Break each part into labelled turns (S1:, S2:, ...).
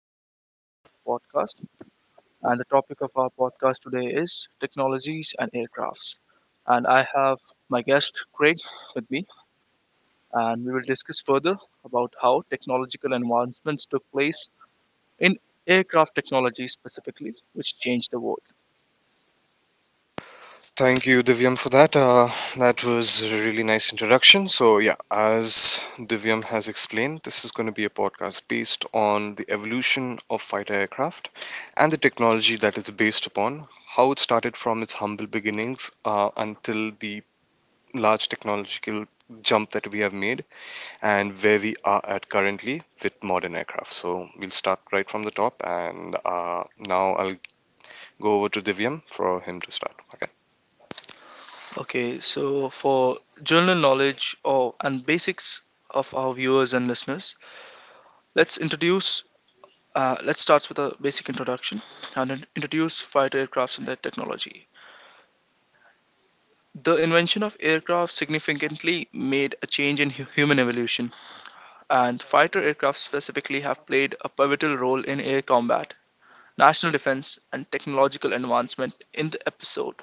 S1: I'm your host for this podcast, and the topic of our podcast today is technologies and aircrafts. And I have my guest Craig with me, and we will discuss further about how technological advancements took place in aircraft technology specifically, which changed the world.
S2: Thank you, Divyam, for that. That was a really nice introduction. So, yeah, as Divyam has explained, this is going to be a podcast based on the evolution of fighter aircraft and the technology that it's based upon, how it started from its humble beginnings until the large technological jump that we have made, and where we are at currently with modern aircraft. So, we'll start right from the top, and now I'll go over to Divyam for him to start.
S1: Okay, so for general knowledge or and basics of our viewers and listeners, let's introduce Let's start with a basic introduction and introduce fighter aircrafts and their technology. The invention of aircraft significantly made a change in human evolution, and fighter aircraft specifically have played a pivotal role in air combat, national defense, and technological advancement in the episode.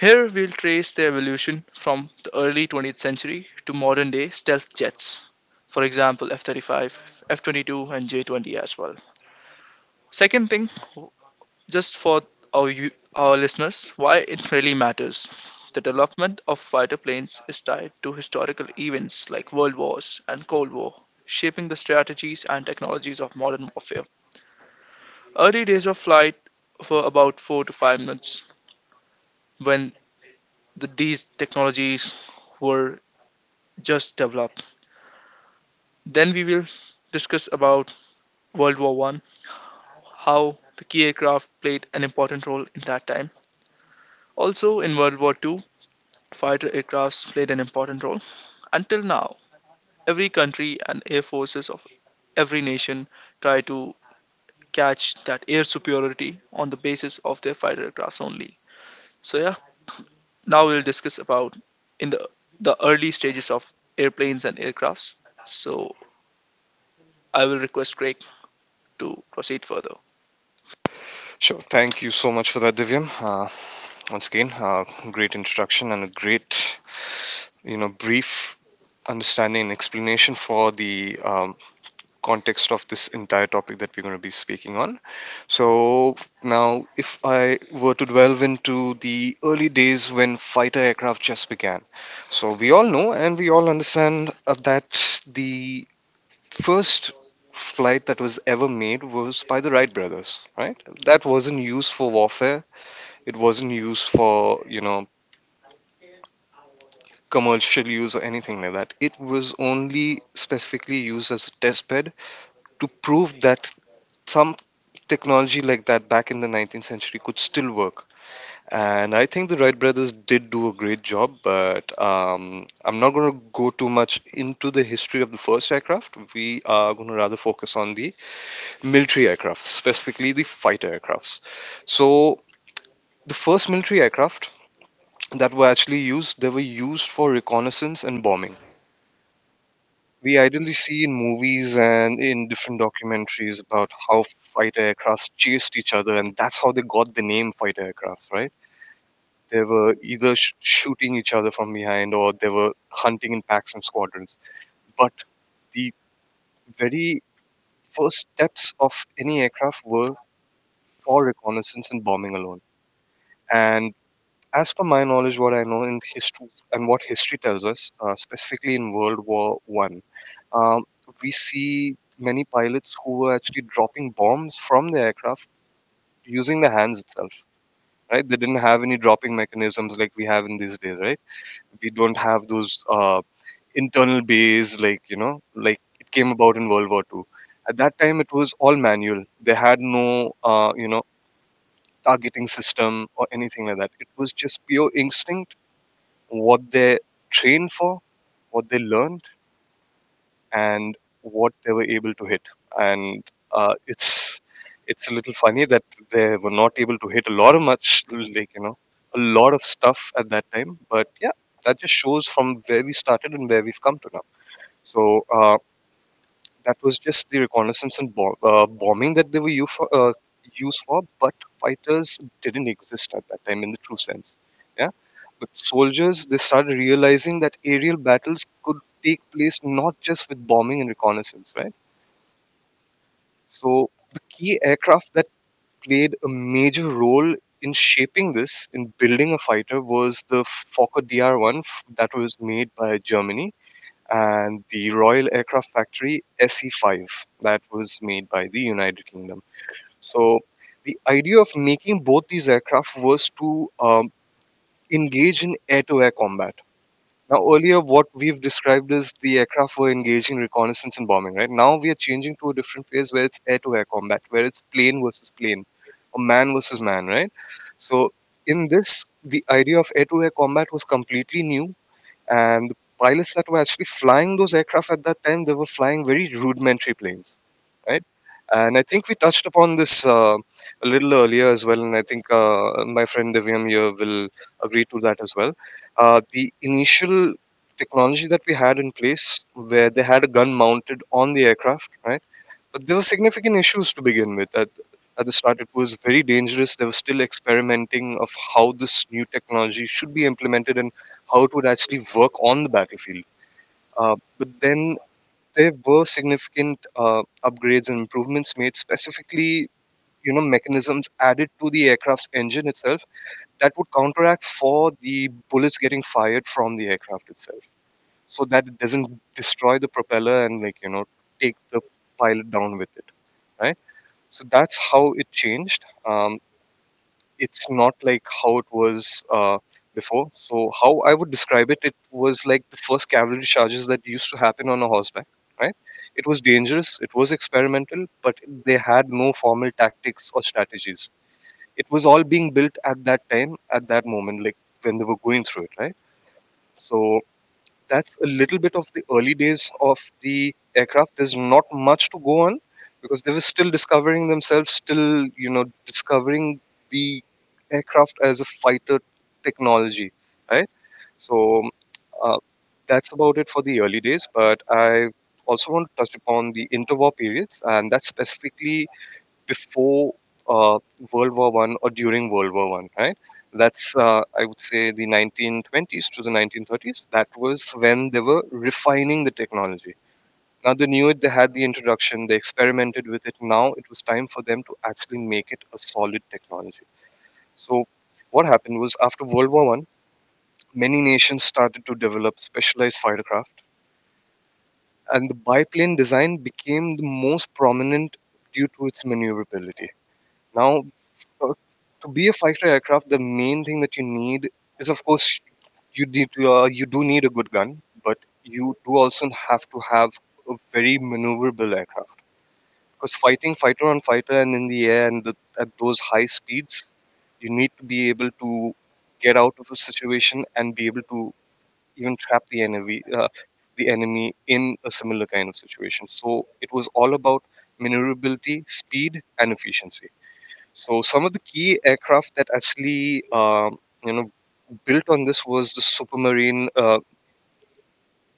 S1: Here we'll trace their evolution from the early 20th century to modern day stealth jets. For example, F 35, F 22, and J 20 as well. Second thing, just for our listeners why it really matters. The development of fighter planes is tied to historical events like World Wars and Cold War, shaping the strategies and technologies of modern warfare. Early days of flight were about 4 to 5 minutes when these technologies were just developed. Then we will discuss about World War 1, how the key aircraft played an important role in that time. Also in World War Two, fighter aircrafts played an important role. Until now, every country and air forces of every nation try to catch that air superiority on the basis of their fighter aircrafts only. So yeah, now we'll discuss about in the early stages of airplanes and aircrafts. So I will request Craig to proceed further.
S2: Sure. Thank you so much for that, Divyam. Once again, great introduction and a great, brief understanding and explanation for the context of this entire topic that we're going to be speaking on. So now, if I were to delve into the early days when fighter aircraft just began, so we all know and we all understand that the first flight that was ever made was by the Wright brothers, right? That wasn't used for warfare. It wasn't used for, commercial use or anything like that. It was only specifically used as a test bed to prove that some technology like that back in the 19th century could still work. And I think the Wright brothers did do a great job, but I'm not going to go too much into the history of the first aircraft. We are going to rather focus on the military aircraft, specifically the fighter aircrafts. So, the first military aircraft that were actually used, they were used for reconnaissance and bombing. We ideally see in movies and in different documentaries about how fighter aircrafts chased each other, and that's how they got the name fighter aircrafts, right? They were either shooting each other from behind, or they were hunting in packs and squadrons. But the very first steps of any aircraft were for reconnaissance and bombing alone. And as per my knowledge, what I know in history and what history tells us, specifically in World War One, Um, we see many pilots who were actually dropping bombs from the aircraft using the hands itself. Right? They didn't have any dropping mechanisms like we have in these days. Right? We don't have those internal bays, like it came about in World War Two. At that time, it was all manual. They had no targeting system or anything like that. It was just pure instinct, what they train for, what they learn, and what they were able to hit. And uh, it's it's a little funny that they were not able to hit a lot of much a lot of stuff at that time. But yeah, that just shows from where we started and where we've come to now. So. That was just the reconnaissance and bombing that they were used for, but fighters didn't exist at that time in the true sense. Yeah, but soldiers, they started realizing that aerial battles could take place not just with bombing and reconnaissance, right? So the key aircraft that played a major role in shaping this, in building a fighter, was the Fokker Dr one that was made by Germany, and the Royal Aircraft Factory SE5 that was made by the United Kingdom. So, the idea of making both these aircraft was to engage in air to air combat. Now, earlier, what we've described is the aircraft were engaging reconnaissance and bombing, right? Now, we are changing to a different phase where it's air to air combat, where it's plane versus plane, or man versus man, right? So, in this, the idea of air to air combat was completely new, and the pilots that were actually flying those aircraft at that time, they were flying very rudimentary planes, right. And I think we touched upon this a little earlier as well, and I think my friend Divyam here will agree to that as well. The initial technology that we had in place, where they had a gun mounted on the aircraft, right, but there were significant issues to begin with. At the start, it was very dangerous. They were still experimenting of how this new technology should be implemented and how it would actually work on the battlefield. But then there were significant upgrades and improvements made, specifically mechanisms added to the aircraft's engine itself that would counteract for the bullets getting fired from the aircraft itself, so that it doesn't destroy the propeller and take the pilot down with it, right? So that's how it changed. It's not like how it was before. So how I would describe it, it was like the first cavalry charges that used to happen on a horseback. Right? It was dangerous. It was experimental, but they had no formal tactics or strategies. It was all being built at that time, at that moment, like when they were going through it. Right? So that's a little bit of the early days of the aircraft. There's not much to go on because they were still discovering themselves, still, discovering the aircraft as a fighter technology, right? So uh, that's about it for the early days. But I also want to touch upon the interwar periods, and that's specifically before uh, World War One, or during World War One, right? That's I would say the 1920s to the 1930s. That was when they were refining the technology. Now they knew it. They had the introduction. They experimented with it. Now it was time for them to actually make it a solid technology. So what happened was, after World War One, many nations started to develop specialized fightercraft, and the biplane design became the most prominent due to its maneuverability. Now, Uh, to be a fighter aircraft, the main thing that you need is, of course, you do need a good gun, but you do also have to have a very maneuverable aircraft, because fighting fighter on fighter and in the air and the, at those high speeds, you need to be able to get out of a situation and be able to even trap the enemy in a similar kind of situation. So it was all about maneuverability, speed, and efficiency. So some of the key aircraft that actually you know built on this was the Supermarine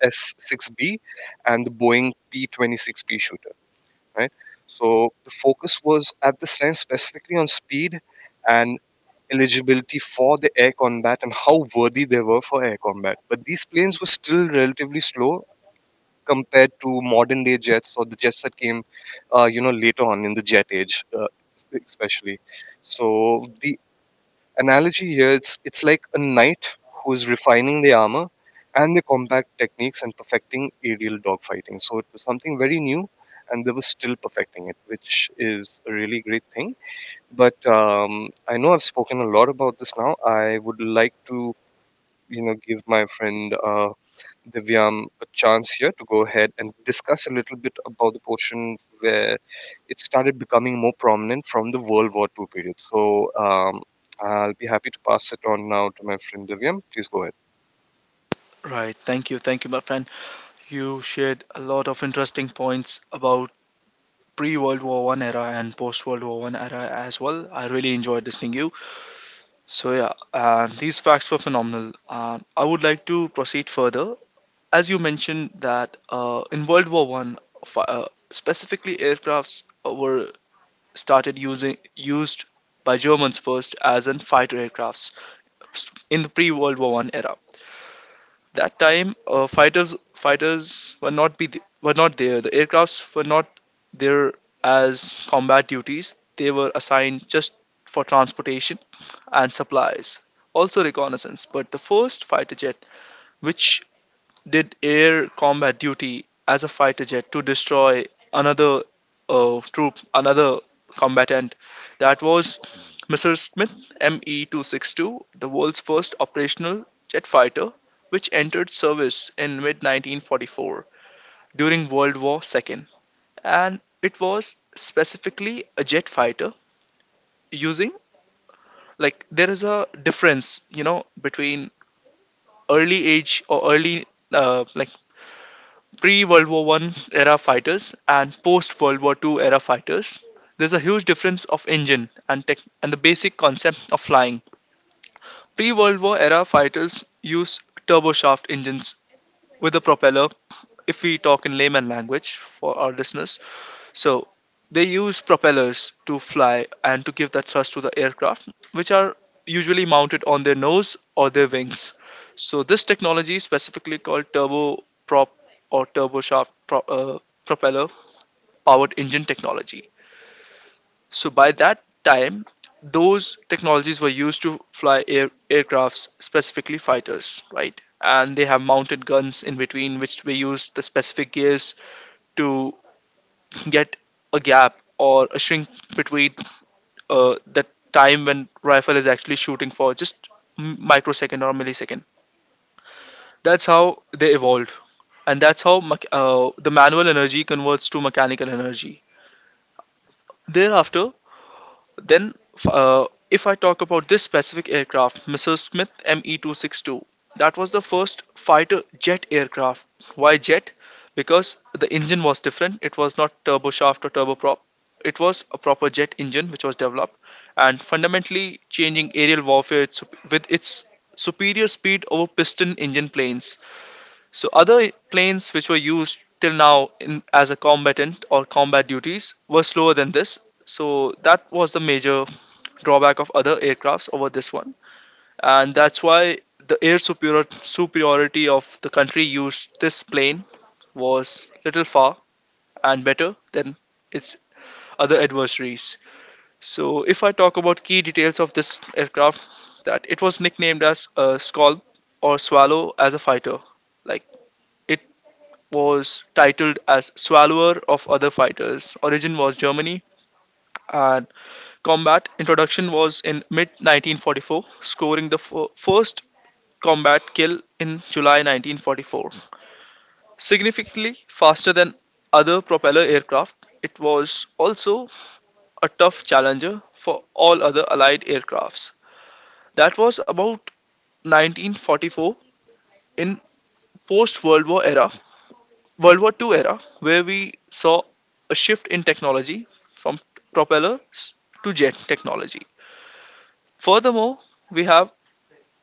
S2: S6B and the Boeing P26P shooter, right? So the focus was at this time specifically on speed and eligibility for the air combat and how worthy they were for air combat. But these planes were still relatively slow compared to modern day jets or the jets that came, later on in the jet age, especially. So the analogy here, it's like a knight who's refining the armor and the combat techniques and perfecting aerial dogfighting. So it was something very new, and they were still perfecting it, which is a really great thing. But I know I've spoken a lot about this. Now I would like to give my friend Divyam a chance here to go ahead and discuss a little bit about the portion where it started becoming more prominent from the World War II period. So I'll be happy to pass it on now to my friend Divyam. Please go ahead.
S1: Right. Thank you. Thank you, my friend. You shared a lot of interesting points about pre World War One era and post World War One era as well. I really enjoyed listening you. So yeah, these facts were phenomenal. I would like to proceed further, as you mentioned that in World War One, specifically aircrafts were started using used by Germans first as in fighter aircrafts in the pre-World War One era. That time, fighters were not be th- were not there. The aircrafts were not there as combat duties. They were assigned just for transportation and supplies, also reconnaissance, but the first fighter jet which did air combat duty as a fighter jet to destroy another troop, another combatant. That was Mr. Smith ME 262, the world's first operational jet fighter, which entered service in mid 1944 during World War II. And it was specifically a jet fighter using like there is a difference you know between early age or early like pre World War One era fighters and post World War Two era fighters. There's a huge difference of engine and tech and the basic concept of flying. Pre World War era fighters use turboshaft engines with a propeller. If we talk in layman language for our listeners, so they use propellers to fly and to give that thrust to the aircraft, which are usually mounted on their nose or their wings. So this technology is specifically called turboprop or turboshaft propeller powered engine technology. So by that time, those technologies were used to fly aircrafts, specifically fighters, right? And they have mounted guns in between, which we use the specific gears to get a gap or a shrink between the time when rifle is actually shooting for just microsecond or millisecond. That's how they evolved, and that's how the manual energy converts to mechanical energy thereafter. Then, if I talk about this specific aircraft, Mrs. Smith ME262, that was the first fighter jet aircraft. Why jet? Because the engine was different. It was not turboshaft or turboprop. It was a proper jet engine which was developed and fundamentally changing aerial warfare with its superior speed over piston engine planes. So other planes which were used till now in, as a combatant or combat duties were slower than this. So that was the major drawback of other aircrafts over this one, and that's why the superiority of the country used this plane was little far and better than its other adversaries. So, if I talk about key details of this aircraft, that it was nicknamed as a Scalp or Swallow as a fighter. Like it was titled as Swallower of Other Fighters. Origin was Germany, and combat introduction was in mid 1944, scoring the first combat kill in July 1944. Significantly faster than other propeller aircraft, it was also a tough challenger for all other Allied aircrafts. That was about 1944 in post World War era, World War II era, where we saw a shift in technology from propellers to jet technology. Furthermore, we have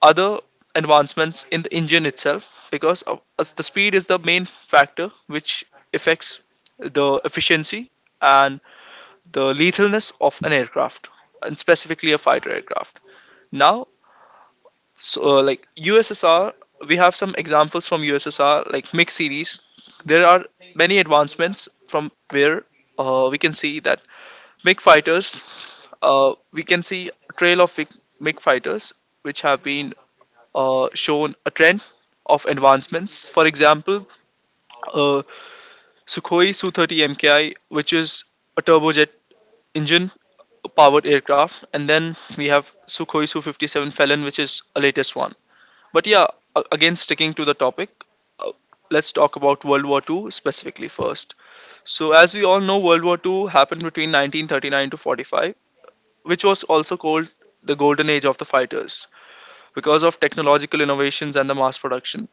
S1: other advancements in the engine itself because of, as the speed is the main factor which affects the efficiency and the lethalness of an aircraft, and specifically a fighter aircraft now. So like USSR, we have some examples from USSR like MiG series. There are many advancements from where we can see that MiG fighters, we can see a trail of MiG fighters which have been shown a trend of advancements. For example, uh, Sukhoi Su-30 MKI, which is a turbojet engine powered aircraft, and then we have Sukhoi Su-57 Felon, which is a latest one. But yeah, again sticking to the topic, uh, let's talk about World War II specifically first. So, as we all know, World War II happened between 1939 to 45, which was also called the golden age of the fighters because of technological innovations and the mass production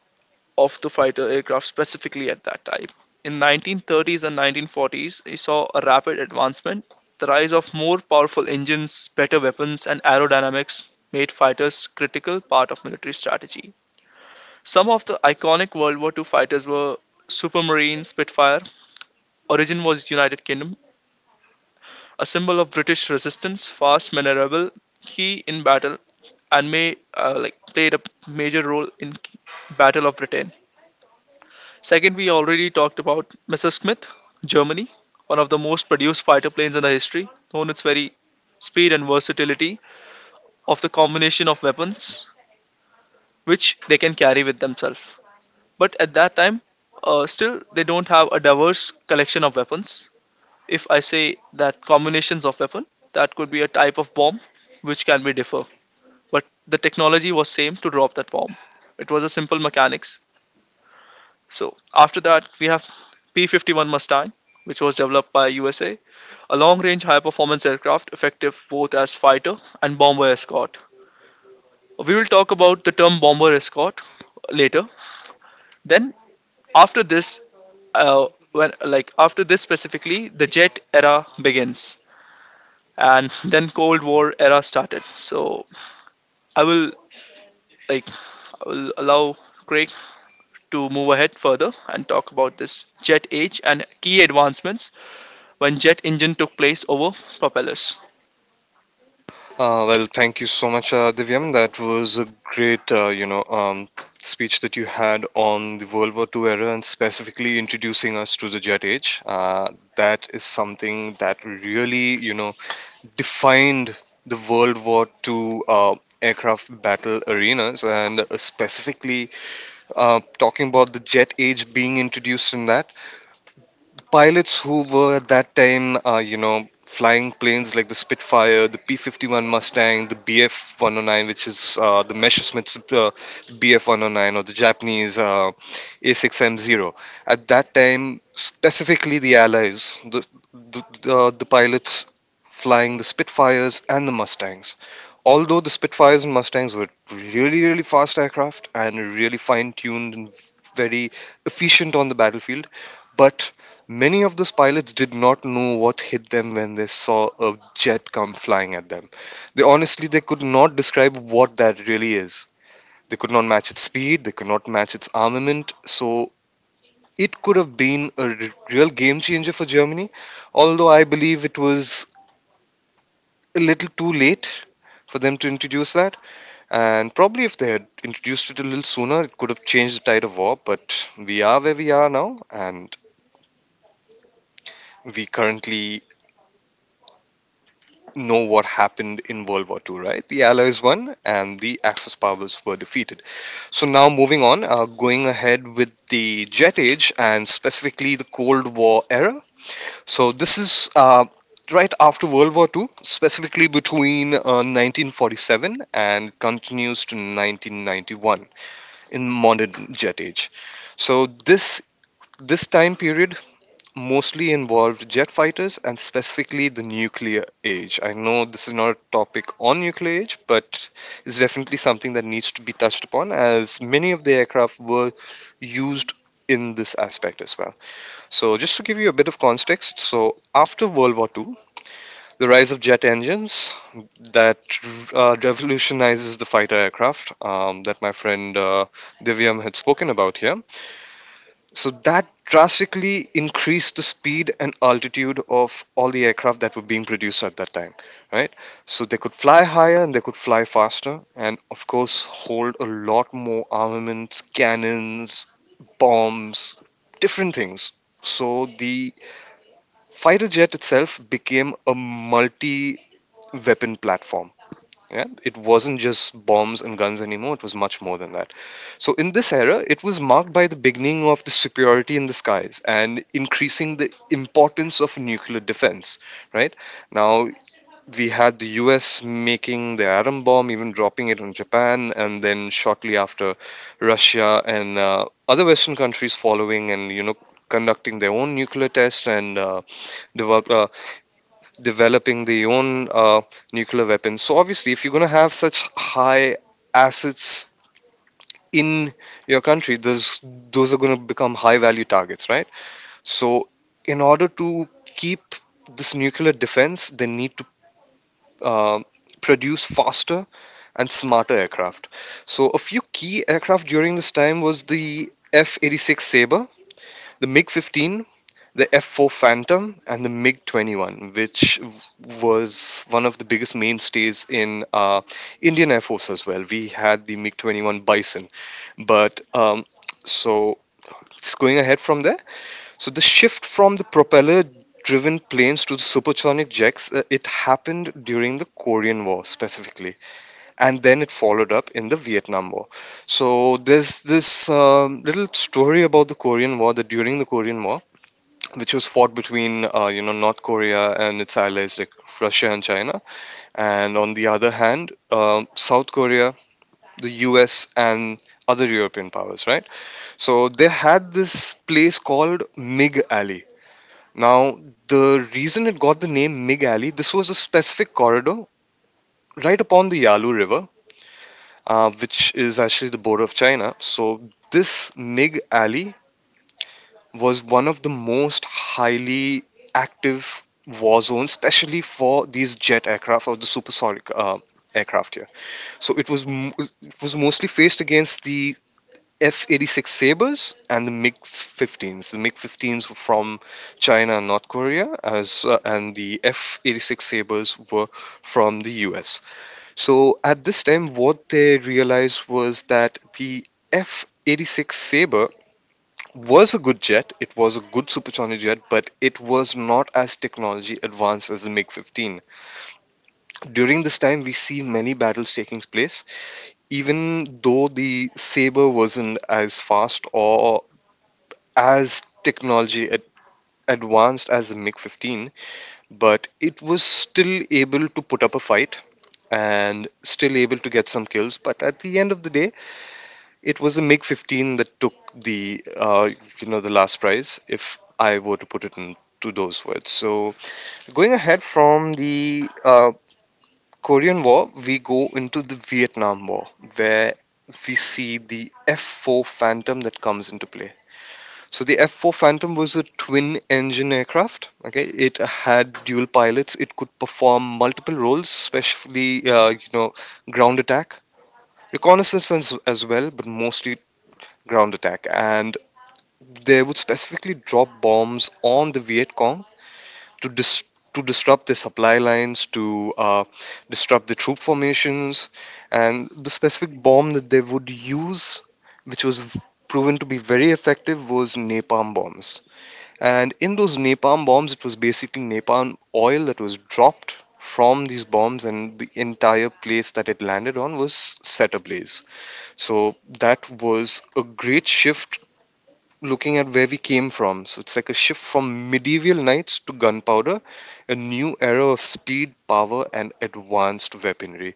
S1: of the fighter aircraft specifically at that time. In 1930s and 1940s, he saw a rapid advancement. The rise of more powerful engines, better weapons, and aerodynamics made fighters critical part of military strategy. Some of the iconic World War II fighters were Supermarine Spitfire. Origin was United Kingdom, a symbol of British resistance, fast, maneuverable, key in battle, and may like played a major role in Battle of Britain. Second, we already talked about Mrs. Smith, Germany, one of the most produced fighter planes in the history, known its very speed and versatility of the combination of weapons which they can carry with themselves. But at that time, still they don't have a diverse collection of weapons. If I say that combinations of weapon, that could be a type of bomb which can be differ. But the technology was same to drop that bomb. It was a simple mechanics. So after that, we have P-51 Mustang, which was developed by USA, a long-range high-performance aircraft effective both as fighter and bomber escort. We will talk about the term bomber escort later. Then after this, when like after this specifically, the jet era begins, and then Cold War era started. So I will like I will allow Craig to move ahead further and talk about this jet age and key advancements when jet engine took place over propellers.
S2: Well, thank you so much, Divyam. That was a great, speech that you had on the World War II era and specifically introducing us to the Jet Age. That is something that really, defined the World War II aircraft battle arenas, and specifically talking about the jet age being introduced in that pilots who were at that time, flying planes like the Spitfire, the P 51 Mustang, the BF 109, which is the Messerschmitt's BF 109, or the Japanese A6M0. At that time, specifically the Allies, the pilots flying the Spitfires and the Mustangs. Although the Spitfires and Mustangs were really, really fast aircraft and really fine tuned and very efficient on the battlefield, but many of those pilots did not know what hit them when they saw a jet come flying at them. They honestly, they could not describe what that really is. They could not match its speed, they could not match its armament, so it could have been a real game changer for Germany, although I believe it was a little too late for them to introduce that, and probably if they had introduced it a little sooner it could have changed the tide of war, but we are where we are now, and we currently know what happened in World War Two, right? The Allies won and the Axis powers were defeated. Now moving on, going ahead with the Jet Age and specifically the Cold War era. So, this is right after World War Two, specifically between 1947 and continues to 1991 in modern Jet Age. So, this time period mostly involved jet fighters and specifically the nuclear age. I know this is not a topic on nuclear age, but it's definitely something that needs to be touched upon as many of the aircraft were used in this aspect as well. So, just to give you a bit of context, so after World War II, the rise of jet engines that revolutionizes the fighter aircraft that my friend Divyam had spoken about here, so that drastically increased the speed and altitude of all the aircraft that were being produced at that time, right? So they could fly higher and they could fly faster, and of course, hold a lot more armaments, cannons, bombs, different things. So the fighter jet itself became a multi weapon platform, yeah, it wasn't just bombs and guns anymore, it was much more than that. So, in this era, it was marked by the beginning of the superiority in the skies and increasing the importance of nuclear defense. Right now, we had the US making the atom bomb, even dropping it on Japan, and then shortly after, Russia and other Western countries following and conducting their own nuclear tests and develop, uh, developing their own nuclear weapons. So obviously, if you're going to have such high assets in your country, those are going to become high value targets, right? So in order to keep this nuclear defense, they need to um produce faster and smarter aircraft. So a few key aircraft during this time was the F-86 Sabre, the MiG-15, the F4 Phantom and the MiG 21, was one of the biggest mainstays in Indian Air Force as well. We had the MiG 21 Bison. But so Just going ahead from there, so the shift from the propeller driven planes to the supersonic jets it happened during the Korean War specifically, and then it followed up in the Vietnam War. So there's this little story about the Korean War that during the Korean War, which was fought between North Korea and its allies like Russia and China, and on the other hand, South Korea, the U.S. and other European powers, right? So they had this place called Mig Alley. Now, the reason it got the name Mig Alley, this was a specific corridor right upon the Yalu River, which is actually the border of China. So this Mig Alley was one of the most highly active war zones, especially for these jet aircraft or the supersonic aircraft here. So it was m- it was mostly faced against the F-86 Sabres and the MiG-15s. The MiG-15s were from China and North Korea, as and the F-86 Sabres were from the US. So at this time, what they realized was that the F-86 Sabre was a good jet. It was a good supersonic jet, but it was not as technology advanced as the MiG 15. During this time, we see many battles taking place, even though the Sabre wasn't as fast or as technology ad- advanced as the MiG 15, but it was still able to put up a fight and still able to get some kills. But at the end of the day, it was a MiG 15 that took the the last prize, if I were to put it into those words. So going ahead from the Korean War, we go into the Vietnam War, where we see the F4 Phantom that comes into play. So the F4 Phantom was a twin-engine aircraft. Okay, it had dual pilots. It could perform multiple roles, especially ground attack, as well, but mostly ground attack. And they would specifically drop bombs on the Viet Cong to dis- to disrupt their supply lines, to disrupt the troop formations, and the specific bomb that they would use, which was proven to be very effective, was napalm bombs. And in those napalm bombs, it was basically napalm oil that was dropped from these bombs, and the entire place that it landed on was set ablaze. So that was a great shift looking at where we came from. So it's like a shift from medieval knights to gunpowder, a new era of speed, power, and advanced weaponry.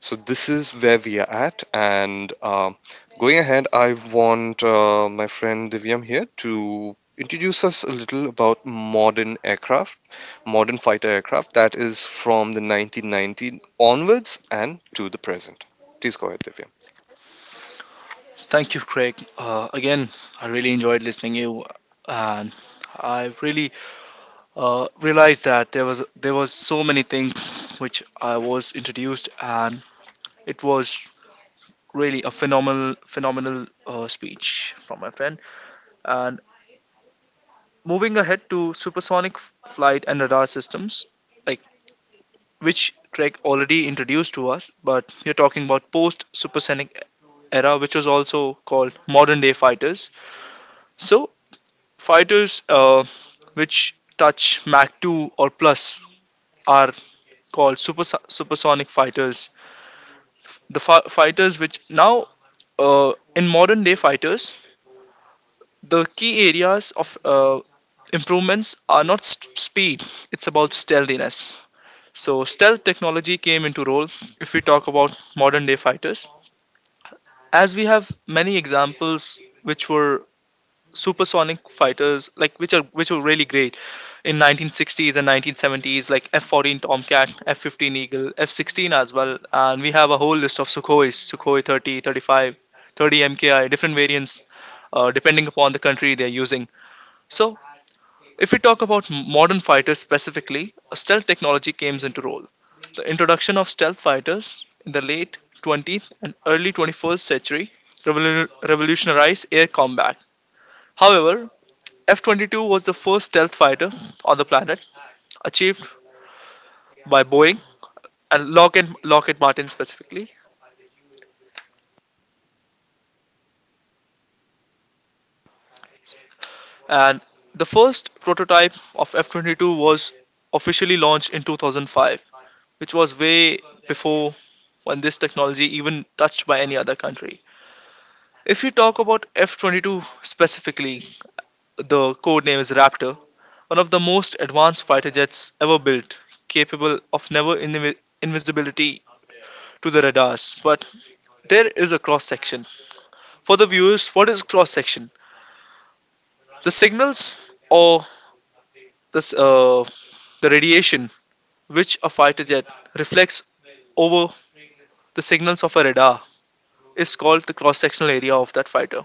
S2: So this is where we are at. And Going ahead, I want my friend Divyam here to introduce us a little about modern aircraft, modern fighter aircraft that is from the 1990 onwards and to the present. Please go ahead, Divyam.
S1: Thank you, Craig. Again, I really enjoyed listening to you, and I really realized that there was so many things which I was introduced, and it was really a phenomenal speech from my friend. And moving ahead to supersonic flight and radar systems, which Craig already introduced to us, but we're talking about post supersonic era, which was also called modern day fighters. So, fighters which touch Mach 2 or plus are called supersonic fighters. The fighters which now, in modern day fighters, the key areas of improvements are not speed, it's about stealthiness. So, stealth technology came into role if we talk about modern day fighters, as we have many examples which were supersonic fighters like which were really great in 1960s and 1970s, like F14 Tomcat, F15 Eagle, F16 as well, and we have a whole list of Sukhois, Sukhoi 30, 35, 30 MKI different variants depending upon the country they're using. So if we talk about modern fighters specifically, stealth technology comes into role. The introduction of stealth fighters in the late 20th and early 21st century revolutionized air combat. However, F 22 was the first stealth fighter on the planet, achieved by Boeing and Lockheed Martin specifically. And the first prototype of F 22 was officially launched in 2005, which was way before when this technology even touched by any other country. If you talk about F 22 specifically, the code name is Raptor, one of the most advanced fighter jets ever built, capable of never invi- invisibility to the radars. But there is a cross section. For the viewers, what is cross section? The signals or this, uh, the radiation which a fighter jet reflects over the signals of a radar is called the cross sectional area of that fighter,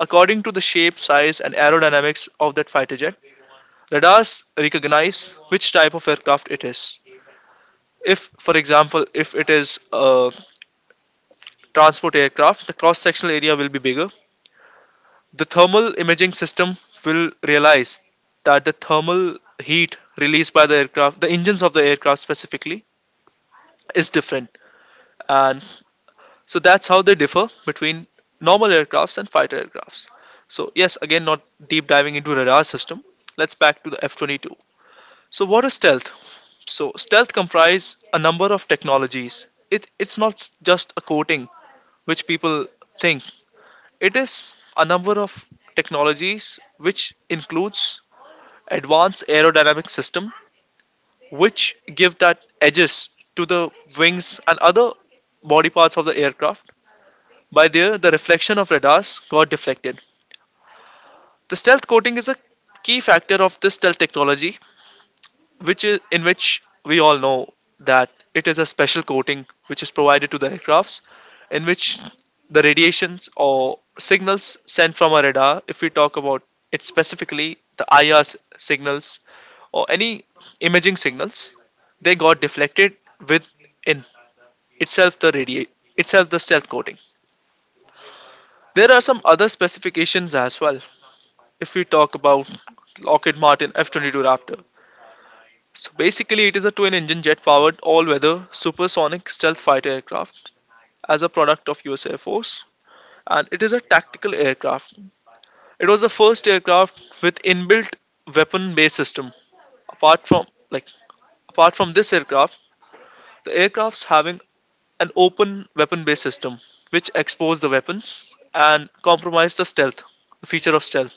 S1: according to the shape, size, and aerodynamics of that fighter jet. Radars recognize which type of aircraft it is. If, for example, if it is a transport aircraft, the cross sectional area will be bigger. The thermal imaging system will realize that the thermal heat released by the aircraft, the engines of the aircraft specifically, is different. And so that's how they differ between normal aircrafts and fighter aircrafts. So, yes, again, not deep diving into radar system. Let's back to the F 22. So what is stealth? So stealth comprises a number of technologies. It's not just a coating which people think. It is a number of technologies which includes advanced aerodynamic system which give that edges to the wings and other body parts of the aircraft. By there, the reflection of radars got deflected. The stealth coating is a key factor of this stealth technology which is in which we all know that it is a special coating which is provided to the aircrafts in which the radiations or signals sent from a radar, if we talk about it specifically, the IR signals or any imaging signals, they got deflected within itself the radiate itself the stealth coating. There are some other specifications as well. If we talk about Lockheed Martin F-22 Raptor, so basically, it is a twin engine jet powered all weather supersonic stealth fighter aircraft as a product of US Air Force, and it is a tactical aircraft. It was the first aircraft with inbuilt weapon based system. Apart from like apart from this aircraft, the aircrafts having an open weapon based system which expose the weapons and compromise the stealth, the feature of stealth,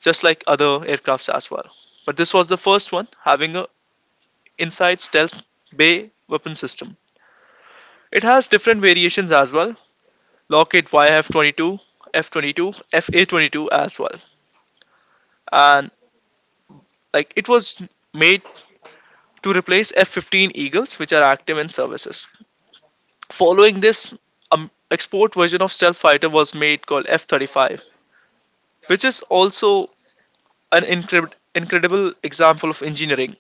S1: just like other aircrafts as well. But this was the first one having a inside stealth bay weapon system. It has different variations as well. Lockheed YF22, F22, FA22 as well. And like it was made to replace F15 Eagles which are active in services. Following this export version of stealth fighter was made called F35, which is also an incredible example of engineering.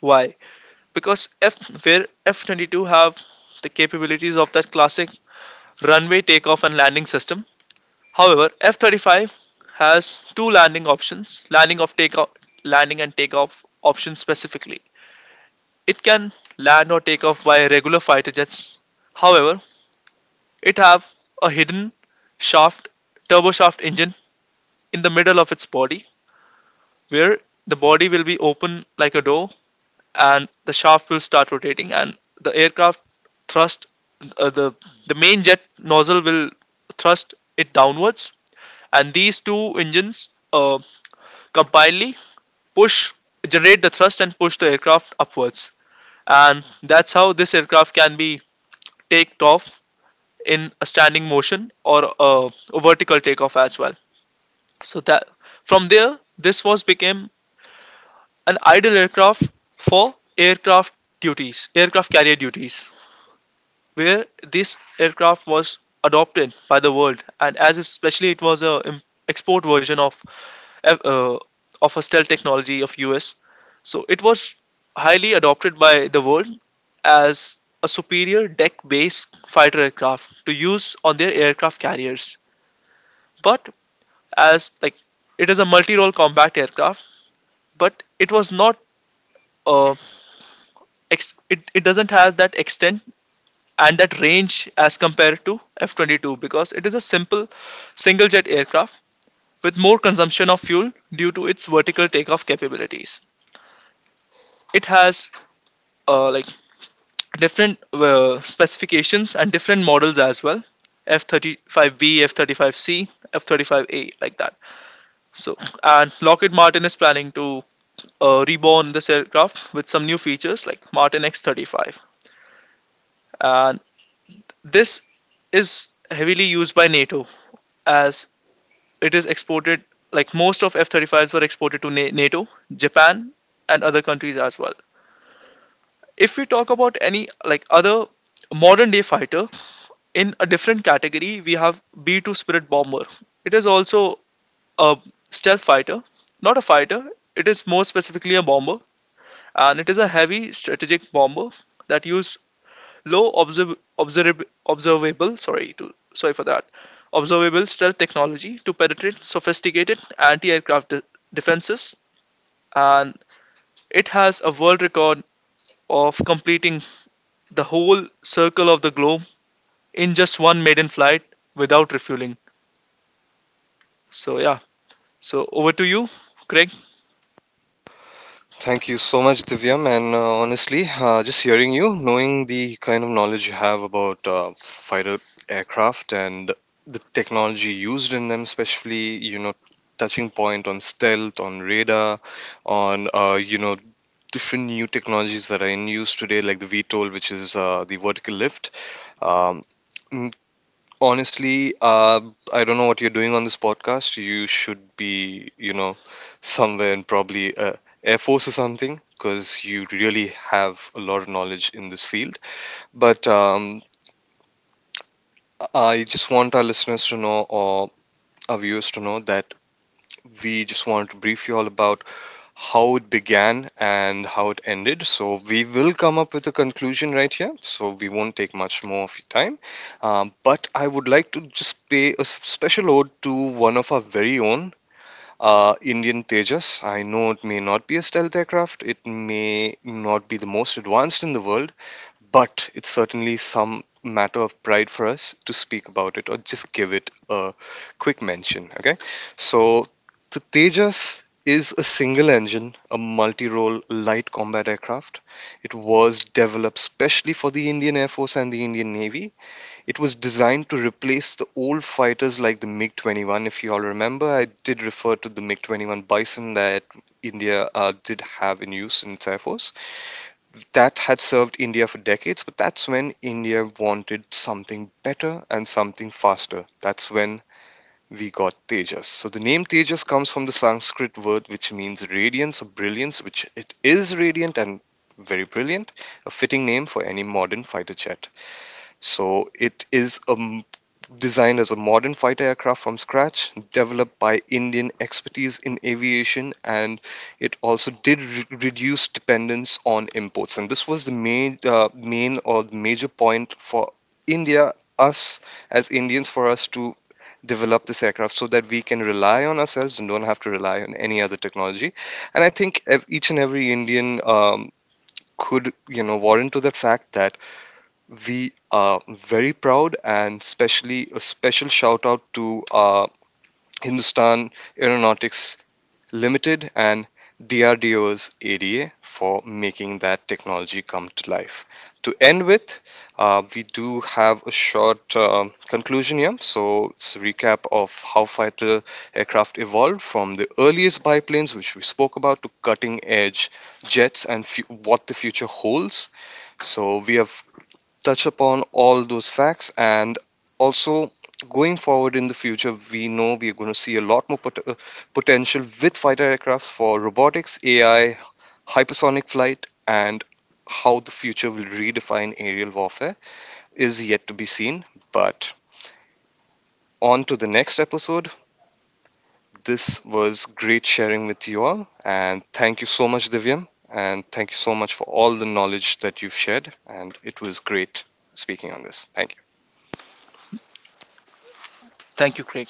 S1: Why? Because F where F22 have the capabilities of that classic runway takeoff and landing system. However, F-35 has two landing options, landing of takeoff, landing and takeoff options specifically. It can land or take off by regular fighter jets. However, it have a hidden shaft, turboshaft engine in the middle of its body, where the body will be open like a door, and the shaft will start rotating, and the aircraft thrust uh, the the main jet nozzle will thrust it downwards, and these two engines compile, push, generate the thrust and push the aircraft upwards. And that's how this aircraft can be taked off in a standing motion or a vertical takeoff as well. So that from there, this was became an ideal aircraft for aircraft duties, aircraft carrier duties, where this aircraft was adopted by the world, and as especially it was a export version uh, of hostel technology of US. So it was highly adopted by the world as a superior deck-based fighter aircraft to use on their aircraft carriers. But as like it is a multi-role combat aircraft, but it was not uh, it doesn't have that extent and that range as compared to F-22 because it is a simple single jet aircraft with more consumption of fuel due to its vertical takeoff capabilities. It has uh, like different specifications and different models as well, F35B, F35C, F35A, like that. So and Lockheed Martin is planning to reborn this aircraft with some new features like martin X35. And this is heavily used by NATO as it is exported, like most of F35s were exported to NATO, Japan, and other countries as well. If we talk about any like other modern day fighter, in a different category, we have B2 Spirit Bomber. It is also a stealth fighter, not a fighter, it is more specifically a bomber, and it is a heavy strategic bomber that use low observable, sorry for that, observable stealth technology to penetrate sophisticated anti-aircraft defenses, and it has a world record of completing the whole circle of the globe in just one maiden flight without refueling. So yeah, so over to you, Craig.
S2: Thank you so much, Divyam. And honestly, just hearing you, knowing the kind of knowledge you have about fighter aircraft and the technology used in them, especially, touching point on stealth, on radar, on, different new technologies that are in use today, like the VTOL, which is the vertical lift. Um, Honestly, I don't know what you're doing on this podcast. You should be, somewhere in probably Air Force or something, because you really have a lot of knowledge in this field. But I just want our listeners to know, or our viewers to know, that we just want to brief you all about how it began and how it ended. So we will come up with a conclusion right here. So we won't take much more of your time. But I would like to just pay a special ode to one of our very own. Indian Tejas. I know it may not be a stealth aircraft, it may not be the most advanced in the world, but it's certainly some matter of pride for us to speak about it or just give it a quick mention. Okay, so the Tejas is a single engine, a multi role light combat aircraft. It was developed specially for the Indian Air Force and the Indian Navy. It was designed to replace the old fighters like the MiG 21. If you all remember, I did refer to the MiG 21 Bison that India did have in use in its Air Force, that had served India for decades, but that's when India wanted something better and something faster. That's when we got Tejas. So the name Tejas comes from the Sanskrit word which means radiance or brilliance, which it is radiant and very brilliant, a fitting name for any modern fighter jet. So it is designed as a modern fighter aircraft from scratch, developed by Indian expertise in aviation, and it also did reduce dependence on imports. And this was the main, main or major point for India, us as Indians, for us to develop this aircraft so that we can rely on ourselves and don't have to rely on any other technology. And I think each and every Indian could, warrant to the fact that we are very proud, and especially a special shout out to Hindustan Aeronautics Limited and DRDO's ADA for making that technology come to life. To end with, we do have a short conclusion here. So it's a recap of how fighter aircraft evolved from the earliest biplanes, which we spoke about, to cutting edge jets and what the future holds. So we have touch upon all those facts and also going forward in the future we know we're going to see a lot more potential with fighter aircrafts for robotics, AI, hypersonic flight, and how the future will redefine aerial warfare is yet to be seen. But on to the next episode. This was great sharing with you all, and thank you so much, Divyam, and thank you so much for all the knowledge that you've shared, and it was great speaking on this. Thank you.
S1: Thank you, Craig.